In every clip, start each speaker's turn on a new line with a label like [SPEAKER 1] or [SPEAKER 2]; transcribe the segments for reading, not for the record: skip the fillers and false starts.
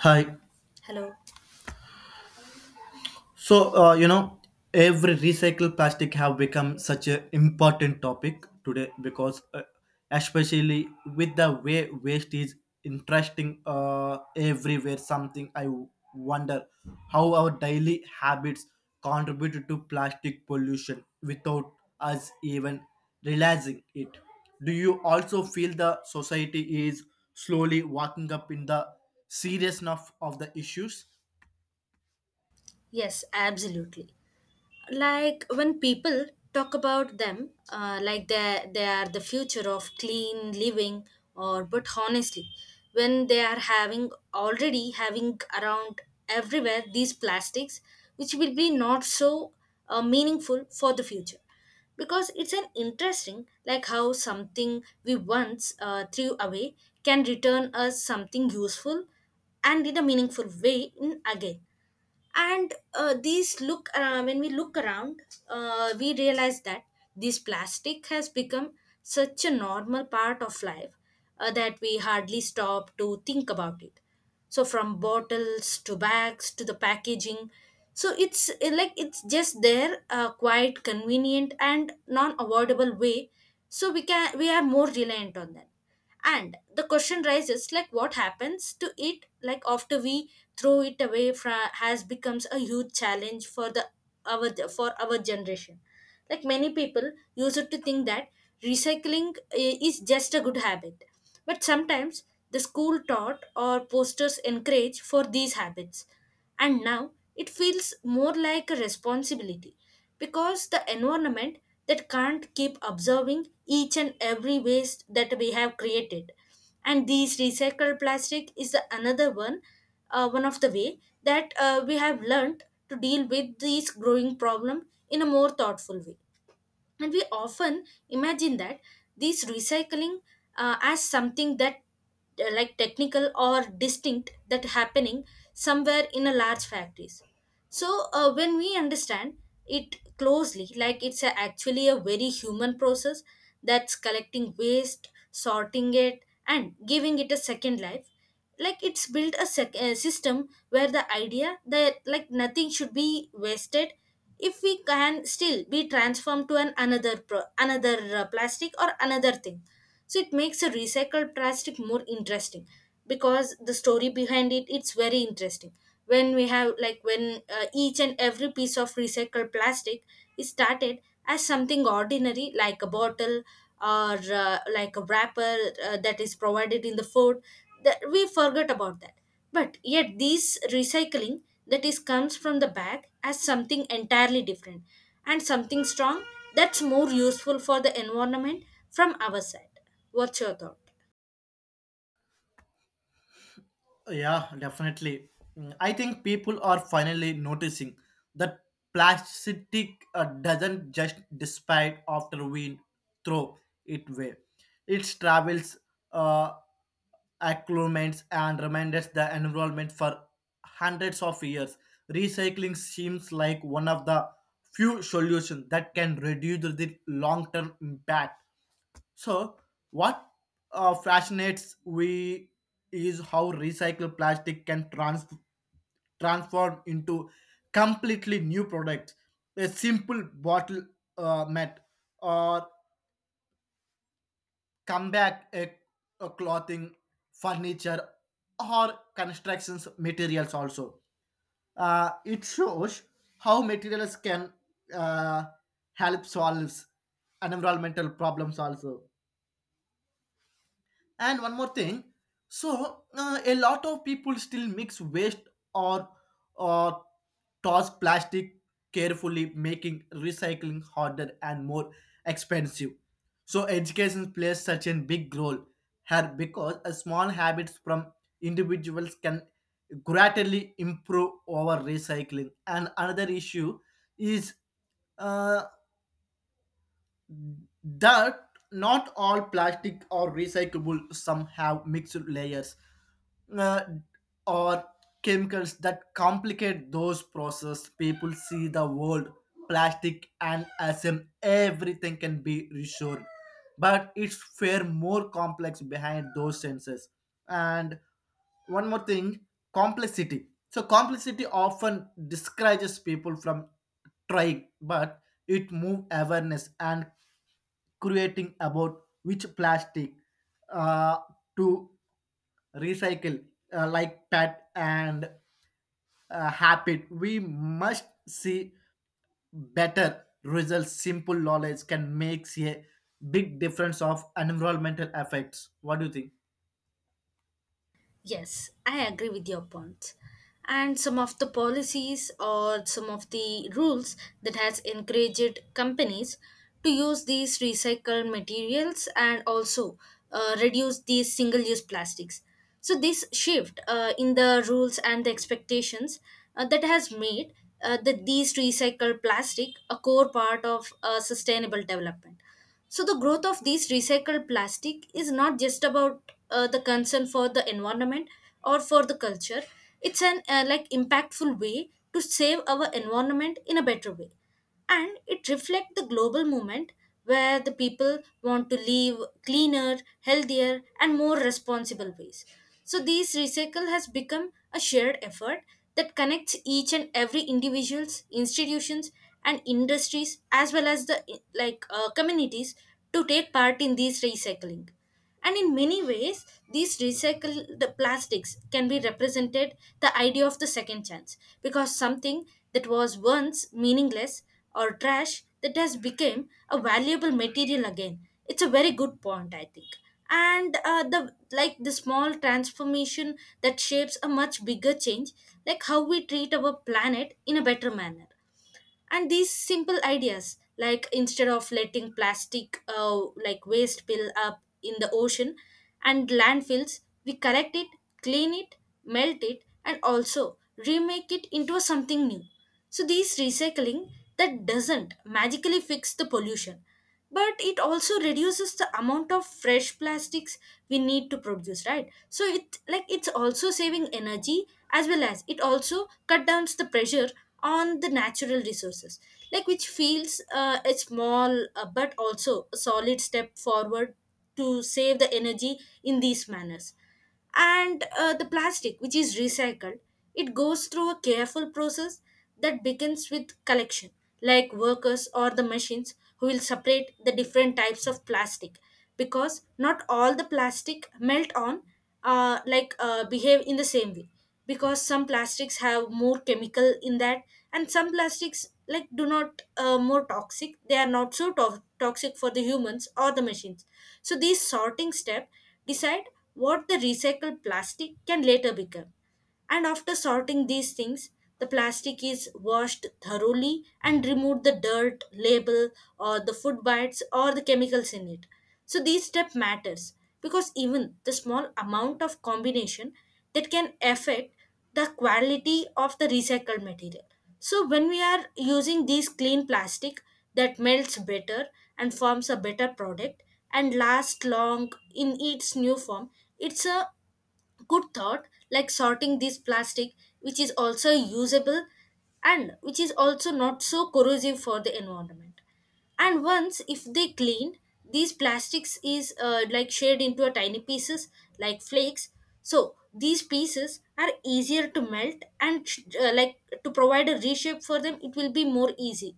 [SPEAKER 1] Hi.
[SPEAKER 2] Hello.
[SPEAKER 1] So, every recycled plastic have become such an important topic today because especially with the way waste is interesting everywhere, something I wonder how our daily habits contribute to plastic pollution without us even realizing it. Do you also feel the society is slowly waking up in the seriousness of the issues?
[SPEAKER 2] Yes, absolutely. Like when people talk about them, like they are the future of clean living, or but honestly, when they are having already having around everywhere these plastics, which will be not so meaningful for the future because it's an interesting like how something we once threw away can return us something useful and in a meaningful way in again and these look when we look around we realize that this plastic has become such a normal part of life that we hardly stop to think about it, so from bottles to bags to the packaging, so it's like it's just there, quite convenient and non avoidable way, so we are more reliant on that. And the question rises like what happens to it, like after we throw it away, has becomes a huge challenge for the our for our generation. Like many people used to think that recycling is just a good habit, but sometimes the school taught or posters encourage for these habits, and now it feels more like a responsibility because the environment that can't keep observing each and every waste that we have created. And these recycled plastic is the another one, one of the way that we have learned to deal with this growing problem in a more thoughtful way. And we often imagine that these recycling as something that like technical or distinct that happening somewhere in a large factories, so when we understand it closely, like it's actually a very human process that's collecting waste, sorting it, and giving it a second life. Like it's built a system where the idea that like nothing should be wasted, if we can still be transformed to an another plastic or another thing. So it makes a recycled plastic more interesting because the story behind it, it's very interesting. When we have like when each and every piece of recycled plastic is started as something ordinary, like a bottle or like a wrapper that is provided in the food that we forget about that, but yet this recycling that is comes from the bag as something entirely different and something strong, that's more useful for the environment from our side. What's your thought?
[SPEAKER 1] Yeah, definitely. Mm, I think people are finally noticing that plastic doesn't just despite after we throw it away. It travels, uh, acclimates, and remains the environment for hundreds of years. Recycling seems like one of the few solutions that can reduce the long-term impact so, what fascinates we is how recycled plastic can transform into completely new products. A simple bottle mat, or come back a clothing, furniture, or constructions materials also. It shows how materials can uh, help solve environmental problems also. And one more thing, a lot of people still mix waste or or toss plastic carefully, making recycling harder and more expensive. So education plays such a big role here because a small habits from individuals can greatly improve our recycling. And another issue is uh, that not all plastic are recyclable, some have mixed layers uh, or chemicals that complicate those processes. People see the world plastic and assume everything can be restored, but it's far more complex behind those senses. And one more thing, complexity, so complexity often discourages people from trying, but it move awareness and creating about which plastic uh, to recycle, like pet and habit we must see better results. Simple knowledge can make a big difference of environmental effects. What do you think?
[SPEAKER 2] Yes, I agree with your point. And some of the policies or some of the rules that has encouraged companies to use these recycled materials and also reduce these single-use plastics. So this shift in the rules and the expectations that has made that these recycled plastic a core part of sustainable development. So the growth of these recycled plastic is not just about the concern for the environment or for the culture. It's an like impactful way to save our environment in a better way, and it reflects the global movement where the people want to live cleaner, healthier, and more responsible ways. So these recycle has become a shared effort that connects each and every individuals, institutions, and industries, as well as the like communities to take part in these recycling. And in many ways these recycled plastics can be represented the idea of the second chance, because something that was once meaningless or trash that has become a valuable material again. It's a very good point, I think. And the like the small transformation that shapes a much bigger change, like how we treat our planet in a better manner. And these simple ideas, like instead of letting plastic like waste spill up in the ocean and landfills, we collect it, clean it, melt it, and also remake it into something new. So these recycling that doesn't magically fix the pollution, but it also reduces the amount of fresh plastics we need to produce, right? So it like it's also saving energy, as well as it also cut down the pressure on the natural resources, like which feels a small but also a solid step forward to save the energy in these manners. And the plastic which is recycled, it goes through a careful process that begins with collection, like workers or the machines who will separate the different types of plastic, because not all the plastic melt on behave in the same way, because some plastics have more chemical in that, and some plastics like do not more toxic, they are not so toxic for the humans or the machines. So these sorting step decide what the recycled plastic can later become. And after sorting these things, the plastic is washed thoroughly and remove the dirt label or the food bites or the chemicals in it. So these step matters because even the small amount of combination that can affect the quality of the recycled material. So when we are using these clean plastic that melts better and forms a better product and lasts long in its new form, it's a good thought, like sorting this plastic which is also usable and which is also not so corrosive for the environment. And once if they clean, these plastics is like shared into a tiny pieces, like flakes. So these pieces are easier to melt and like to provide a reshape for them, it will be more easy,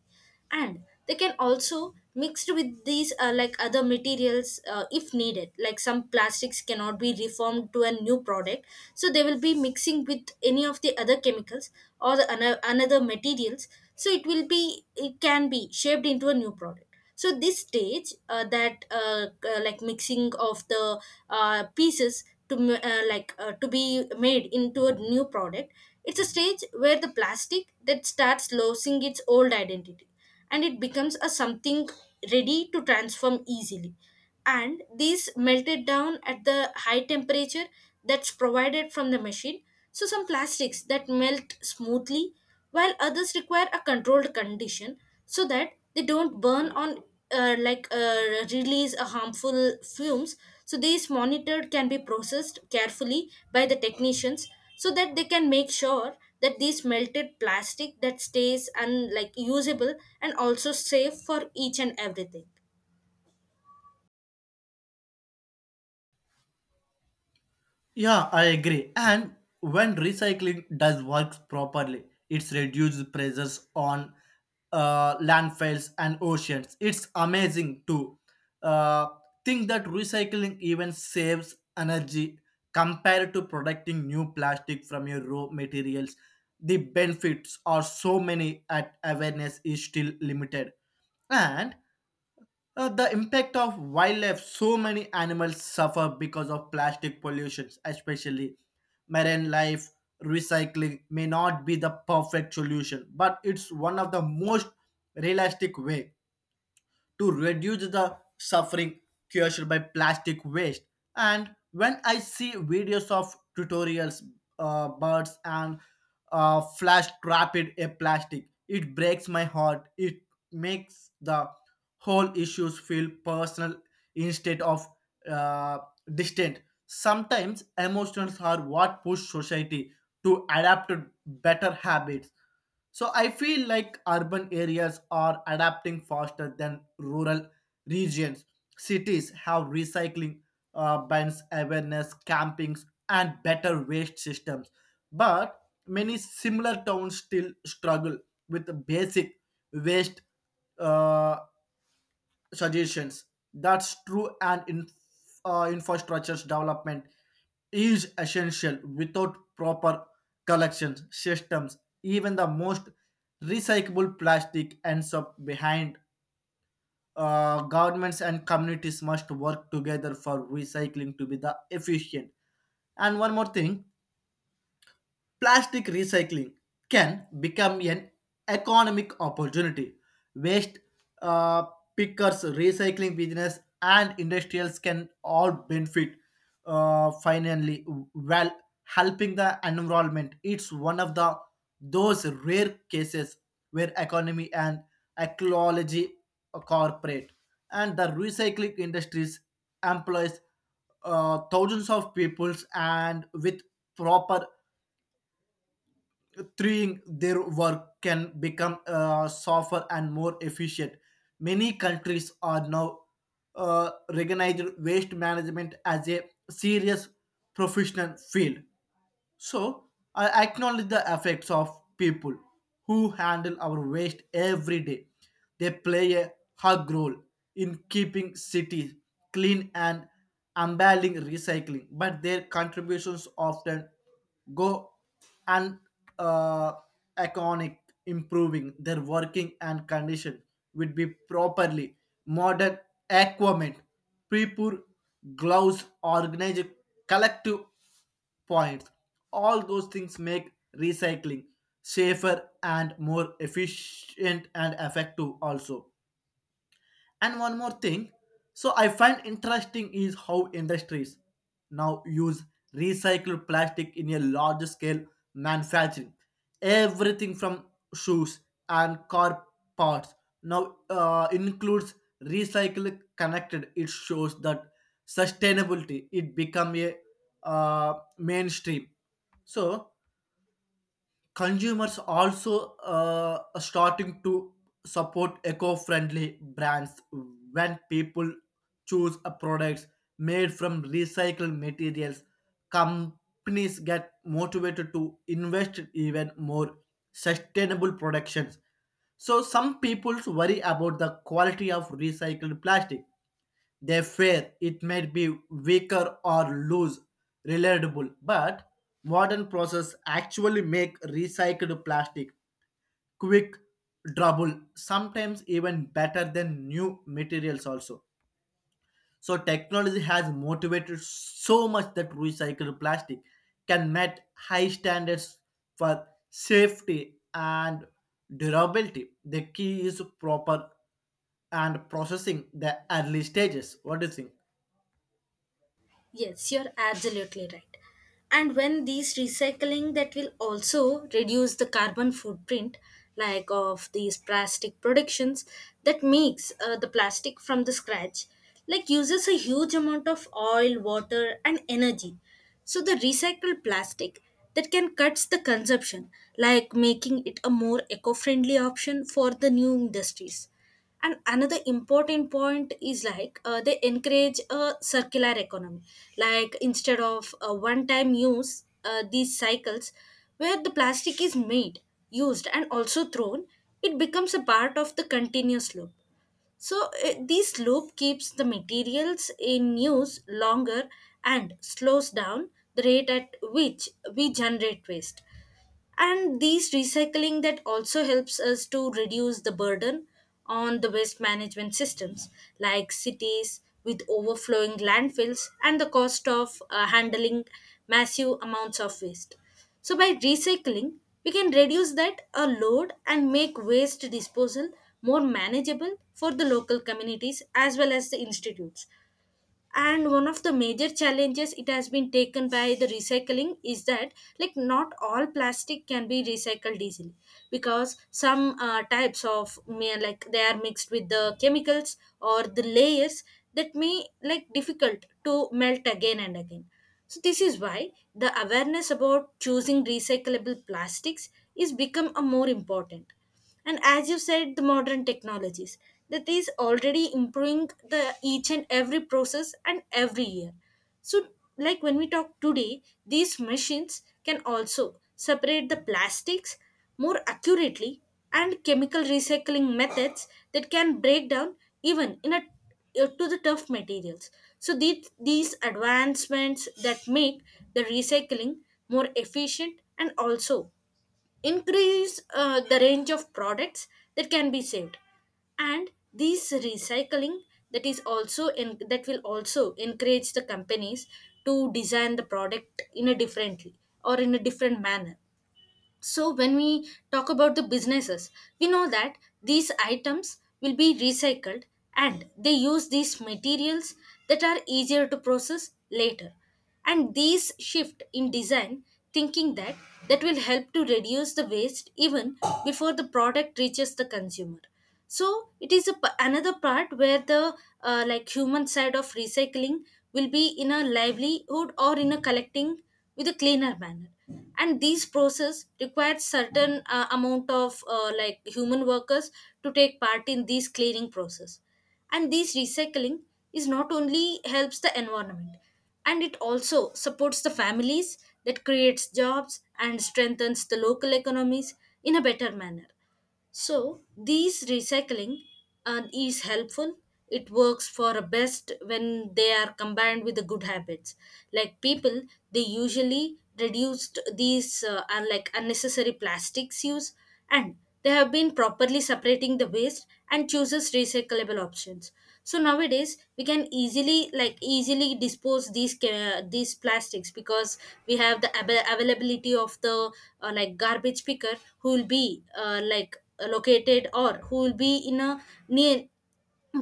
[SPEAKER 2] and they can also mixed with these like other materials if needed, like some plastics cannot be reformed to a new product, so they will be mixing with any of the other chemicals or the another materials, so it will be it can be shaped into a new product. So this stage that like mixing of the pieces to like to be made into a new product, it's a stage where the plastic that starts losing its old identity and it becomes a something ready to transform easily. And these melted down at the high temperature that's provided from the machine. So some plastics that melt smoothly, while others require a controlled condition so that they don't burn on release a harmful fumes. So these monitored can be processed carefully by the technicians so that they can make sure that these melted plastic that stays and like usable and also safe for each and everything.
[SPEAKER 1] Yeah, I agree. And when recycling does work properly, it's reduced pressures on landfills and oceans. It's amazing to uh, think that recycling even saves energy compared to producing new plastic from your raw materials. The benefits are so many at awareness is still limited. And the impact of wildlife, so many animals suffer because of plastic pollution, especially marine life. Recycling may not be the perfect solution, but it's one of the most realistic way to reduce the suffering caused by plastic waste. And when I see videos of tutorials, birds and flash trap it a plastic, it breaks my heart. It makes the whole issues feel personal instead of uh, distant. Sometimes emotions are what push society to adapt to better habits, so I feel like urban areas are adapting faster than rural regions. Cities have recycling bans, awareness campings, and better waste systems. But many similar towns still struggle with the basic waste uh, suggestions. That's true, and in, infrastructure development is essential. Without proper collections systems, even the most recyclable plastic ends up behind. Governments and communities must work together for recycling to be the efficient. And one more thing, plastic recycling can become an economic opportunity. Waste uh, pickers, recycling business, and industrials can all benefit finally while helping the environment. It's one of the those rare cases where economy and ecology cooperate, and the recycling industries employs thousands of peoples, and with proper threeing their work can become safer and more efficient. Many countries are now recognized waste management as a serious professional field. So I acknowledge the effects of people who handle our waste every day. They play a hug role in keeping cities clean and embedding recycling, but their contributions often go and uh, iconic. Improving their working and condition would be properly modern equipment, people, gloves, organized collective points. All those things make recycling safer and more efficient and effective also. And one more thing, so I find interesting is how industries now use recycled plastic in a large scale manufacturing. Everything from shoes and car parts now includes recycled connected. It shows that sustainability it become a mainstream. So consumers also are starting to support eco-friendly brands. When people choose a products made from recycled materials, companies get motivated to invest in even more sustainable productions. So some people worry about the quality of recycled plastic, they fear it might be weaker or lose reliable, but modern process actually make recycled plastic quick, durable, sometimes even better than new materials also. So technology has motivated so much that recycled plastic can meet high standards for safety and durability. The key is proper and processing the early stages. What do you think?
[SPEAKER 2] Yes, you're absolutely right. And when these recycling that will also reduce the carbon footprint, like of these plastic productions that makes the plastic from the scratch, like uses a huge amount of oil, water and energy. So the recycled plastic that can cuts the consumption, like making it a more eco-friendly option for the new industries. And another important point is like they encourage a circular economy, like instead of a one time use, these cycles where the plastic is made, used, and also thrown, it becomes a part of the continuous loop. So this loop keeps the materials in use longer and slows down the rate at which we generate waste. And these recycling that also helps us to reduce the burden on the waste management systems, like cities with overflowing landfills and the cost of handling massive amounts of waste. So by recycling, we can reduce that a load and make waste disposal more manageable for the local communities as well as the institutes. And one of the major challenges it has been taken by the recycling is that like not all plastic can be recycled easily, because some types of may like they are mixed with the chemicals or the layers that may like difficult to melt again and again. So this is why the awareness about choosing recyclable plastics is become a more important. And as you said, the modern technologies that is already improving the each and every process and every year. So like when we talk today, these machines can also separate the plastics more accurately, and chemical recycling methods that can break down even in a to the tough materials. So these advancements that make the recycling more efficient and also increase the range of products that can be saved. And these recycling that is also that will also encourage the companies to design the product in a differently or in a different manner. So when we talk about the businesses, we know that these items will be recycled and they use these materials that are easier to process later. And these shift in design thinking that will help to reduce the waste even before the product reaches the consumer. So it is a, another part where the like human side of recycling will be in a livelihood or in a collecting with a cleaner manner. And these process requires certain amount of like human workers to take part in these cleaning process. And this recycling is not only helps the environment, and it also supports the families that creates jobs and strengthens the local economies in a better manner. So these recycling is helpful. It works for a best when they are combined with the good habits. Like people, they usually reduced these are like unnecessary plastics use, and they have been properly separating the waste and chooses recyclable options. So nowadays we can easily dispose these these plastics, because we have the availability of the like garbage picker who will be like located, or who will be in a near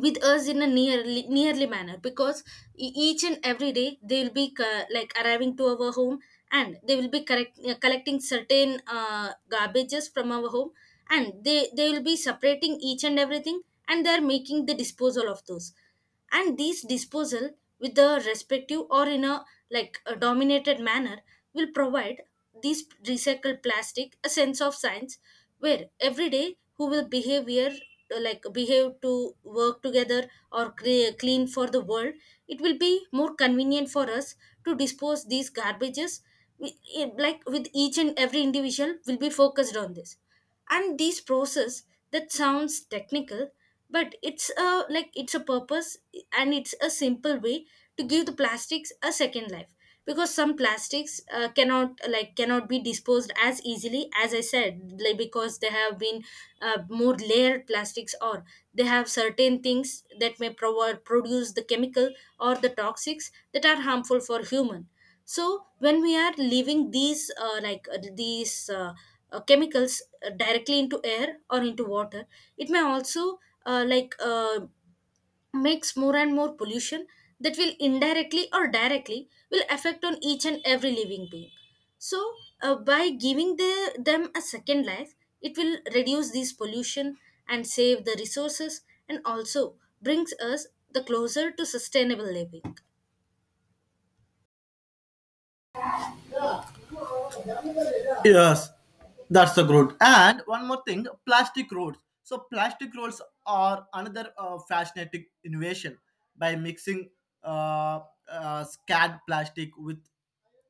[SPEAKER 2] with us in a nearly manner. Because each and every day they will be like arriving to our home, and they will be collecting certain garbages from our home. And they will be separating each and everything, and they are making the disposal of those. And these disposal with the respective or in a like a dominated manner will provide these recycled plastic a sense of science, where every day who will behavior like behave to work together or clean for the world, it will be more convenient for us to dispose these garbages. We- like with each and every individual will be focused on this, and this process that sounds technical, but it's a like it's a purpose, and it's a simple way to give the plastics a second life. Because some plastics cannot be disposed as easily as I said, like because they have been more layered plastics, or they have certain things that may produce the chemical or the toxics that are harmful for human. So when we are leaving these chemicals directly into air or into water, it may also uh, like uh, makes more and more pollution that will indirectly or directly will affect on each and every living being. So by giving the, them a second life, it will reduce this pollution and save the resources, and also brings us the closer to sustainable living.
[SPEAKER 1] Yes, that's the good. And one more thing, plastic rolls. So plastic rolls are another fascinating innovation. By mixing uh, scad plastic with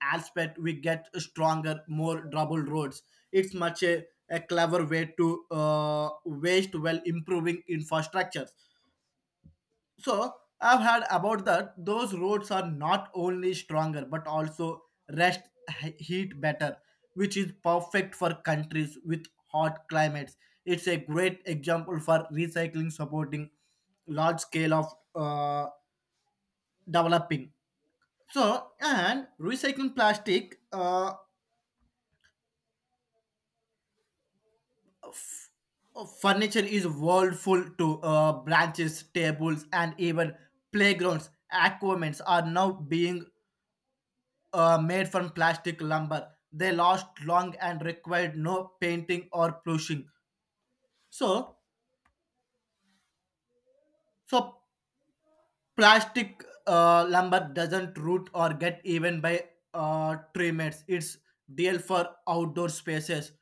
[SPEAKER 1] asphalt, we get stronger more double roads. It's much a clever way to waste while improving infrastructure. So I've heard about that those roads are not only stronger but also rest heat better, which is perfect for countries with hot climates. It's a great example for recycling supporting large scale of developing. So and recycling plastic furniture is world full to branches, tables, and even playgrounds. Aquaments are now being made from plastic lumber. They last long and required no painting or plushing. So, so plastic lumber doesn't root or get even by tree mates. It's deal for outdoor spaces.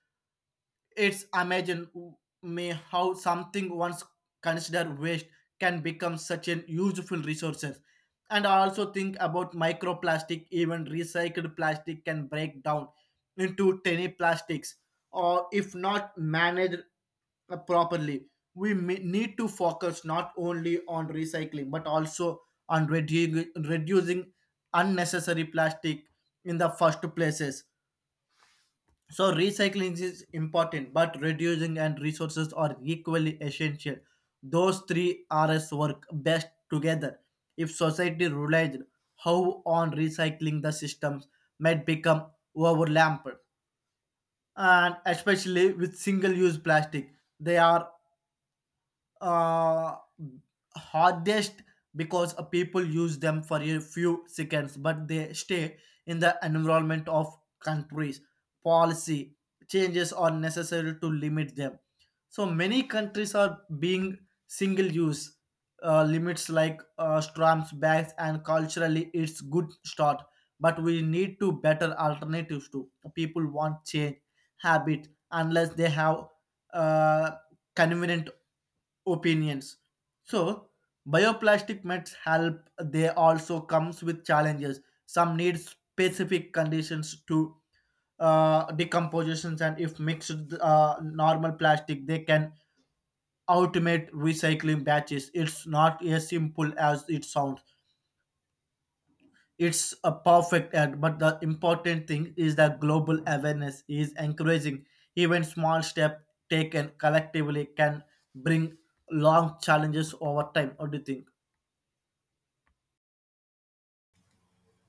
[SPEAKER 1] It's amazing me how something once considered waste can become such an useful resources. And I also think about microplastic, even recycled plastic can break down into tiny plastics, or if not managed properly. We may need to focus not only on recycling but also on reducing unnecessary plastic in the first places. So recycling is important, but reducing and resources are equally essential. Those three R's work best together. If society relies how on recycling the systems might become overlapped, and especially with single-use plastic, they are uh, hardest because people use them for a few seconds, but they stay in the environment of countries. Policy changes are necessary to limit them. So many countries are being single use limits like stamps, bags, and culturally it's good start. But we need to better alternatives to people want change habit unless they have uh, convenient opinions. So, bioplastic mets help. They also comes with challenges. Some need specific conditions to decompositions, and if mixed normal plastic, they can automate recycling batches. It's not as simple as it sounds. It's a perfect ad, but the important thing is that global awareness is encouraging. Even small steps taken collectively can bring long challenges over time. What do you think?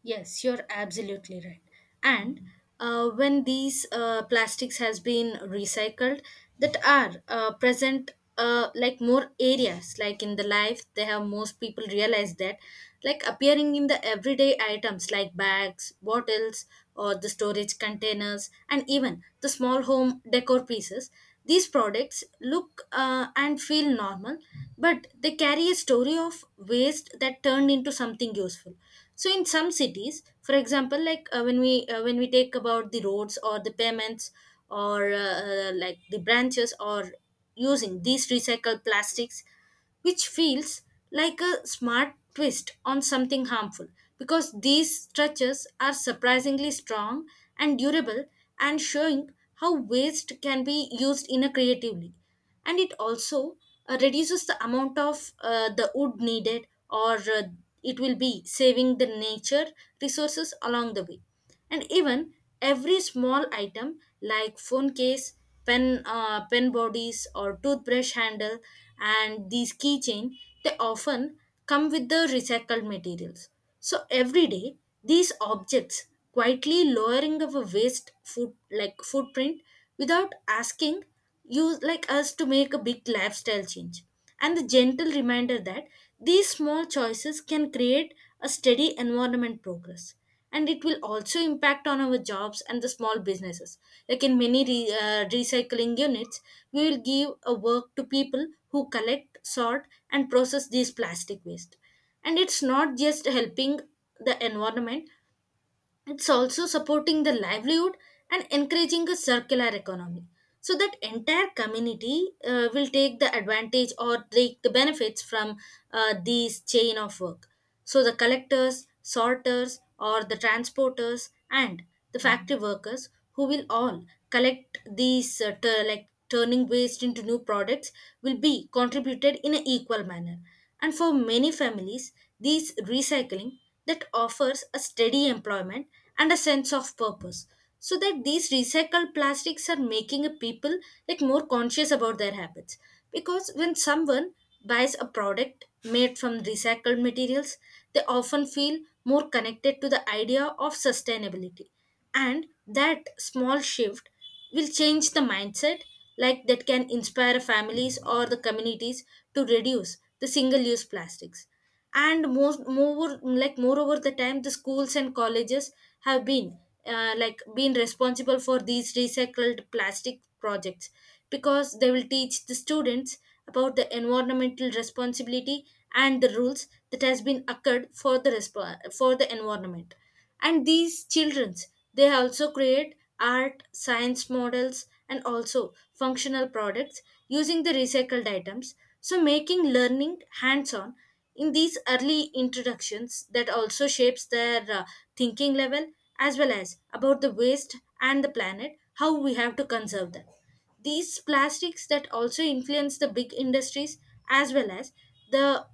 [SPEAKER 2] Yes, you're absolutely right. And when these plastics has been recycled, that are present like more areas, like in the life, they have most people realize that, like appearing in the everyday items like bags, bottles, or the storage containers, and even the small home decor pieces. These products look and feel normal, but they carry a story of waste that turned into something useful. So in some cities, for example, like when we take about the roads or the pavements, or like the branches, or using these recycled plastics, which feels like a smart twist on something harmful, because these structures are surprisingly strong and durable, and showing how waste can be used in a creatively. And it also reduces the amount of the wood needed, or it will be saving the nature resources along the way. And even every small item like phone case, pen pen bodies or toothbrush handle and these keychain, they often come with the recycled materials. So every day these objects quietly lowering of a waste foot like footprint, without asking you like us to make a big lifestyle change, and the gentle reminder that these small choices can create a steady environment progress. And it will also impact on our jobs and the small businesses, like in many recycling units, we will give a work to people who collect sort and process these plastic waste. And it's not just helping the environment, it's also supporting the livelihood and encouraging a circular economy. So that entire community will take the advantage or take the benefits from these chain of work. So the collectors, sorters, or the transporters and the factory workers who will all collect these turning waste into new products will be contributed in an equal manner. And for many families, these recycling that offers a steady employment and a sense of purpose. So that these recycled plastics are making a people like more conscious about their habits. Because when someone buys a product made from recycled materials, they often feel more connected to the idea of sustainability, and that small shift will change the mindset, like that can inspire families or the communities to reduce the single use plastics. And most more like moreover the time, the schools and colleges have been been responsible for these recycled plastic projects, because they will teach the students about the environmental responsibility and the rules that has been occurred for the for the environment. And these children, they also create art science models and also functional products using the recycled items, so making learning hands on. In these early introductions that also shapes their thinking level, as well as about the waste and the planet, how we have to conserve them. These plastics that also influence the big industries, as well as the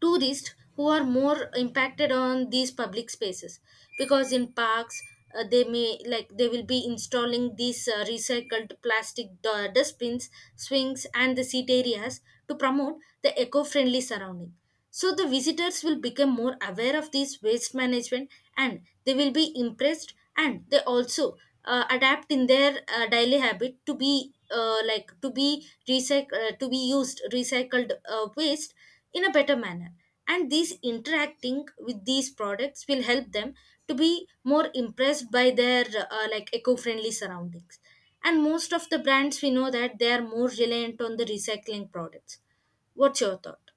[SPEAKER 2] tourists who are more impacted on these public spaces, because in parks, they may like they will be installing these recycled plastic dustbins, swings and the seat areas to promote the eco-friendly surrounding. So the visitors will become more aware of this waste management, and they will be impressed, and they also adapt in their daily habit to be to be used recycled waste in a better manner. And these interacting with these products will help them to be more impressed by their like eco-friendly surroundings. And most of the brands we know that they are more reliant on the recycling products. What's your thought?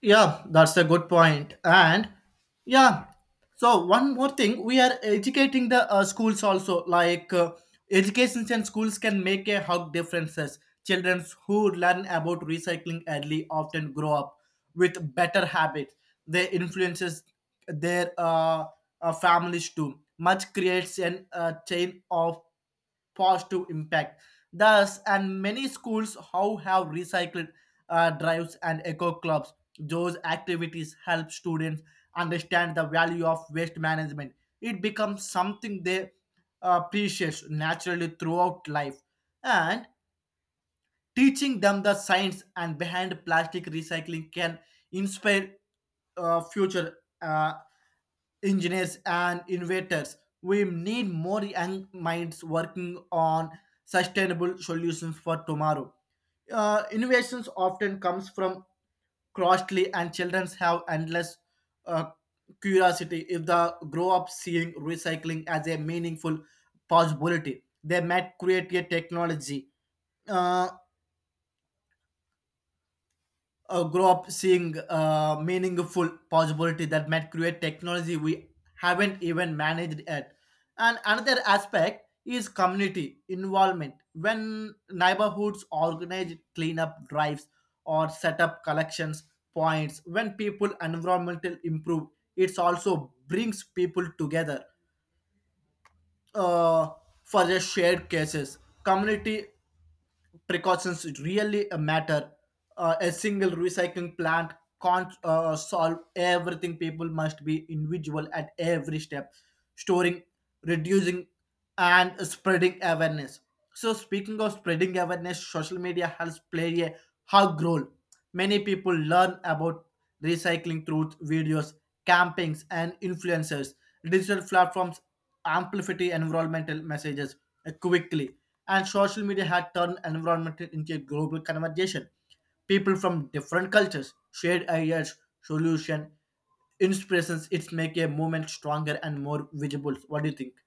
[SPEAKER 1] Yeah, that's a good point. And yeah, so one more thing, we are educating the schools also. Educations and schools can make a hug differences. Children who learn about recycling early often grow up with better habits. They influences their families too. Much creates an chain of positive impact. Thus, and many schools how have recycled drives and eco clubs. Those activities help students understand the value of waste management. It becomes something they appreciate naturally throughout life, and teaching them the science and behind plastic recycling can inspire future engineers and innovators. We need more young minds working on sustainable solutions for tomorrow. Innovations often comes from costly, and children have endless uh, curiosity. If they grow up seeing recycling as a meaningful possibility they might create a technology uh, grow up seeing meaningful possibility that might create technology we haven't even managed yet. And another aspect is community involvement. When neighborhoods organize cleanup drives or set up collections points, when people environmental improve, it also brings people together uh, for the shared cases. Community precautions really matter. A single recycling plant can't solve everything. People must be individual at every step, storing, reducing, and spreading awareness. So, speaking of spreading awareness, social media has played a hug role. Many people learn about recycling through videos, campings, and influencers. Digital platforms amplified environmental messages quickly, and social media had turned environment into a global conversation. People from different cultures shared ideas, solution, inspirations. It's make a movement stronger and more visible. What do you think?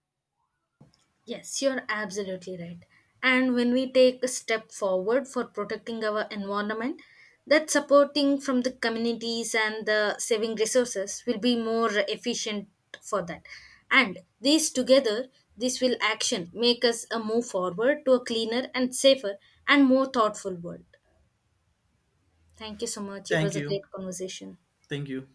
[SPEAKER 2] Yes, you're absolutely right. And when we take a step forward for protecting our environment, that supporting from the communities and the saving resources will be more efficient for that. And these together, this will action make us a move forward to a cleaner and safer and more thoughtful world. Thank you so much. It was
[SPEAKER 1] Thank
[SPEAKER 2] a
[SPEAKER 1] you.
[SPEAKER 2] great conversation.
[SPEAKER 1] Thank you.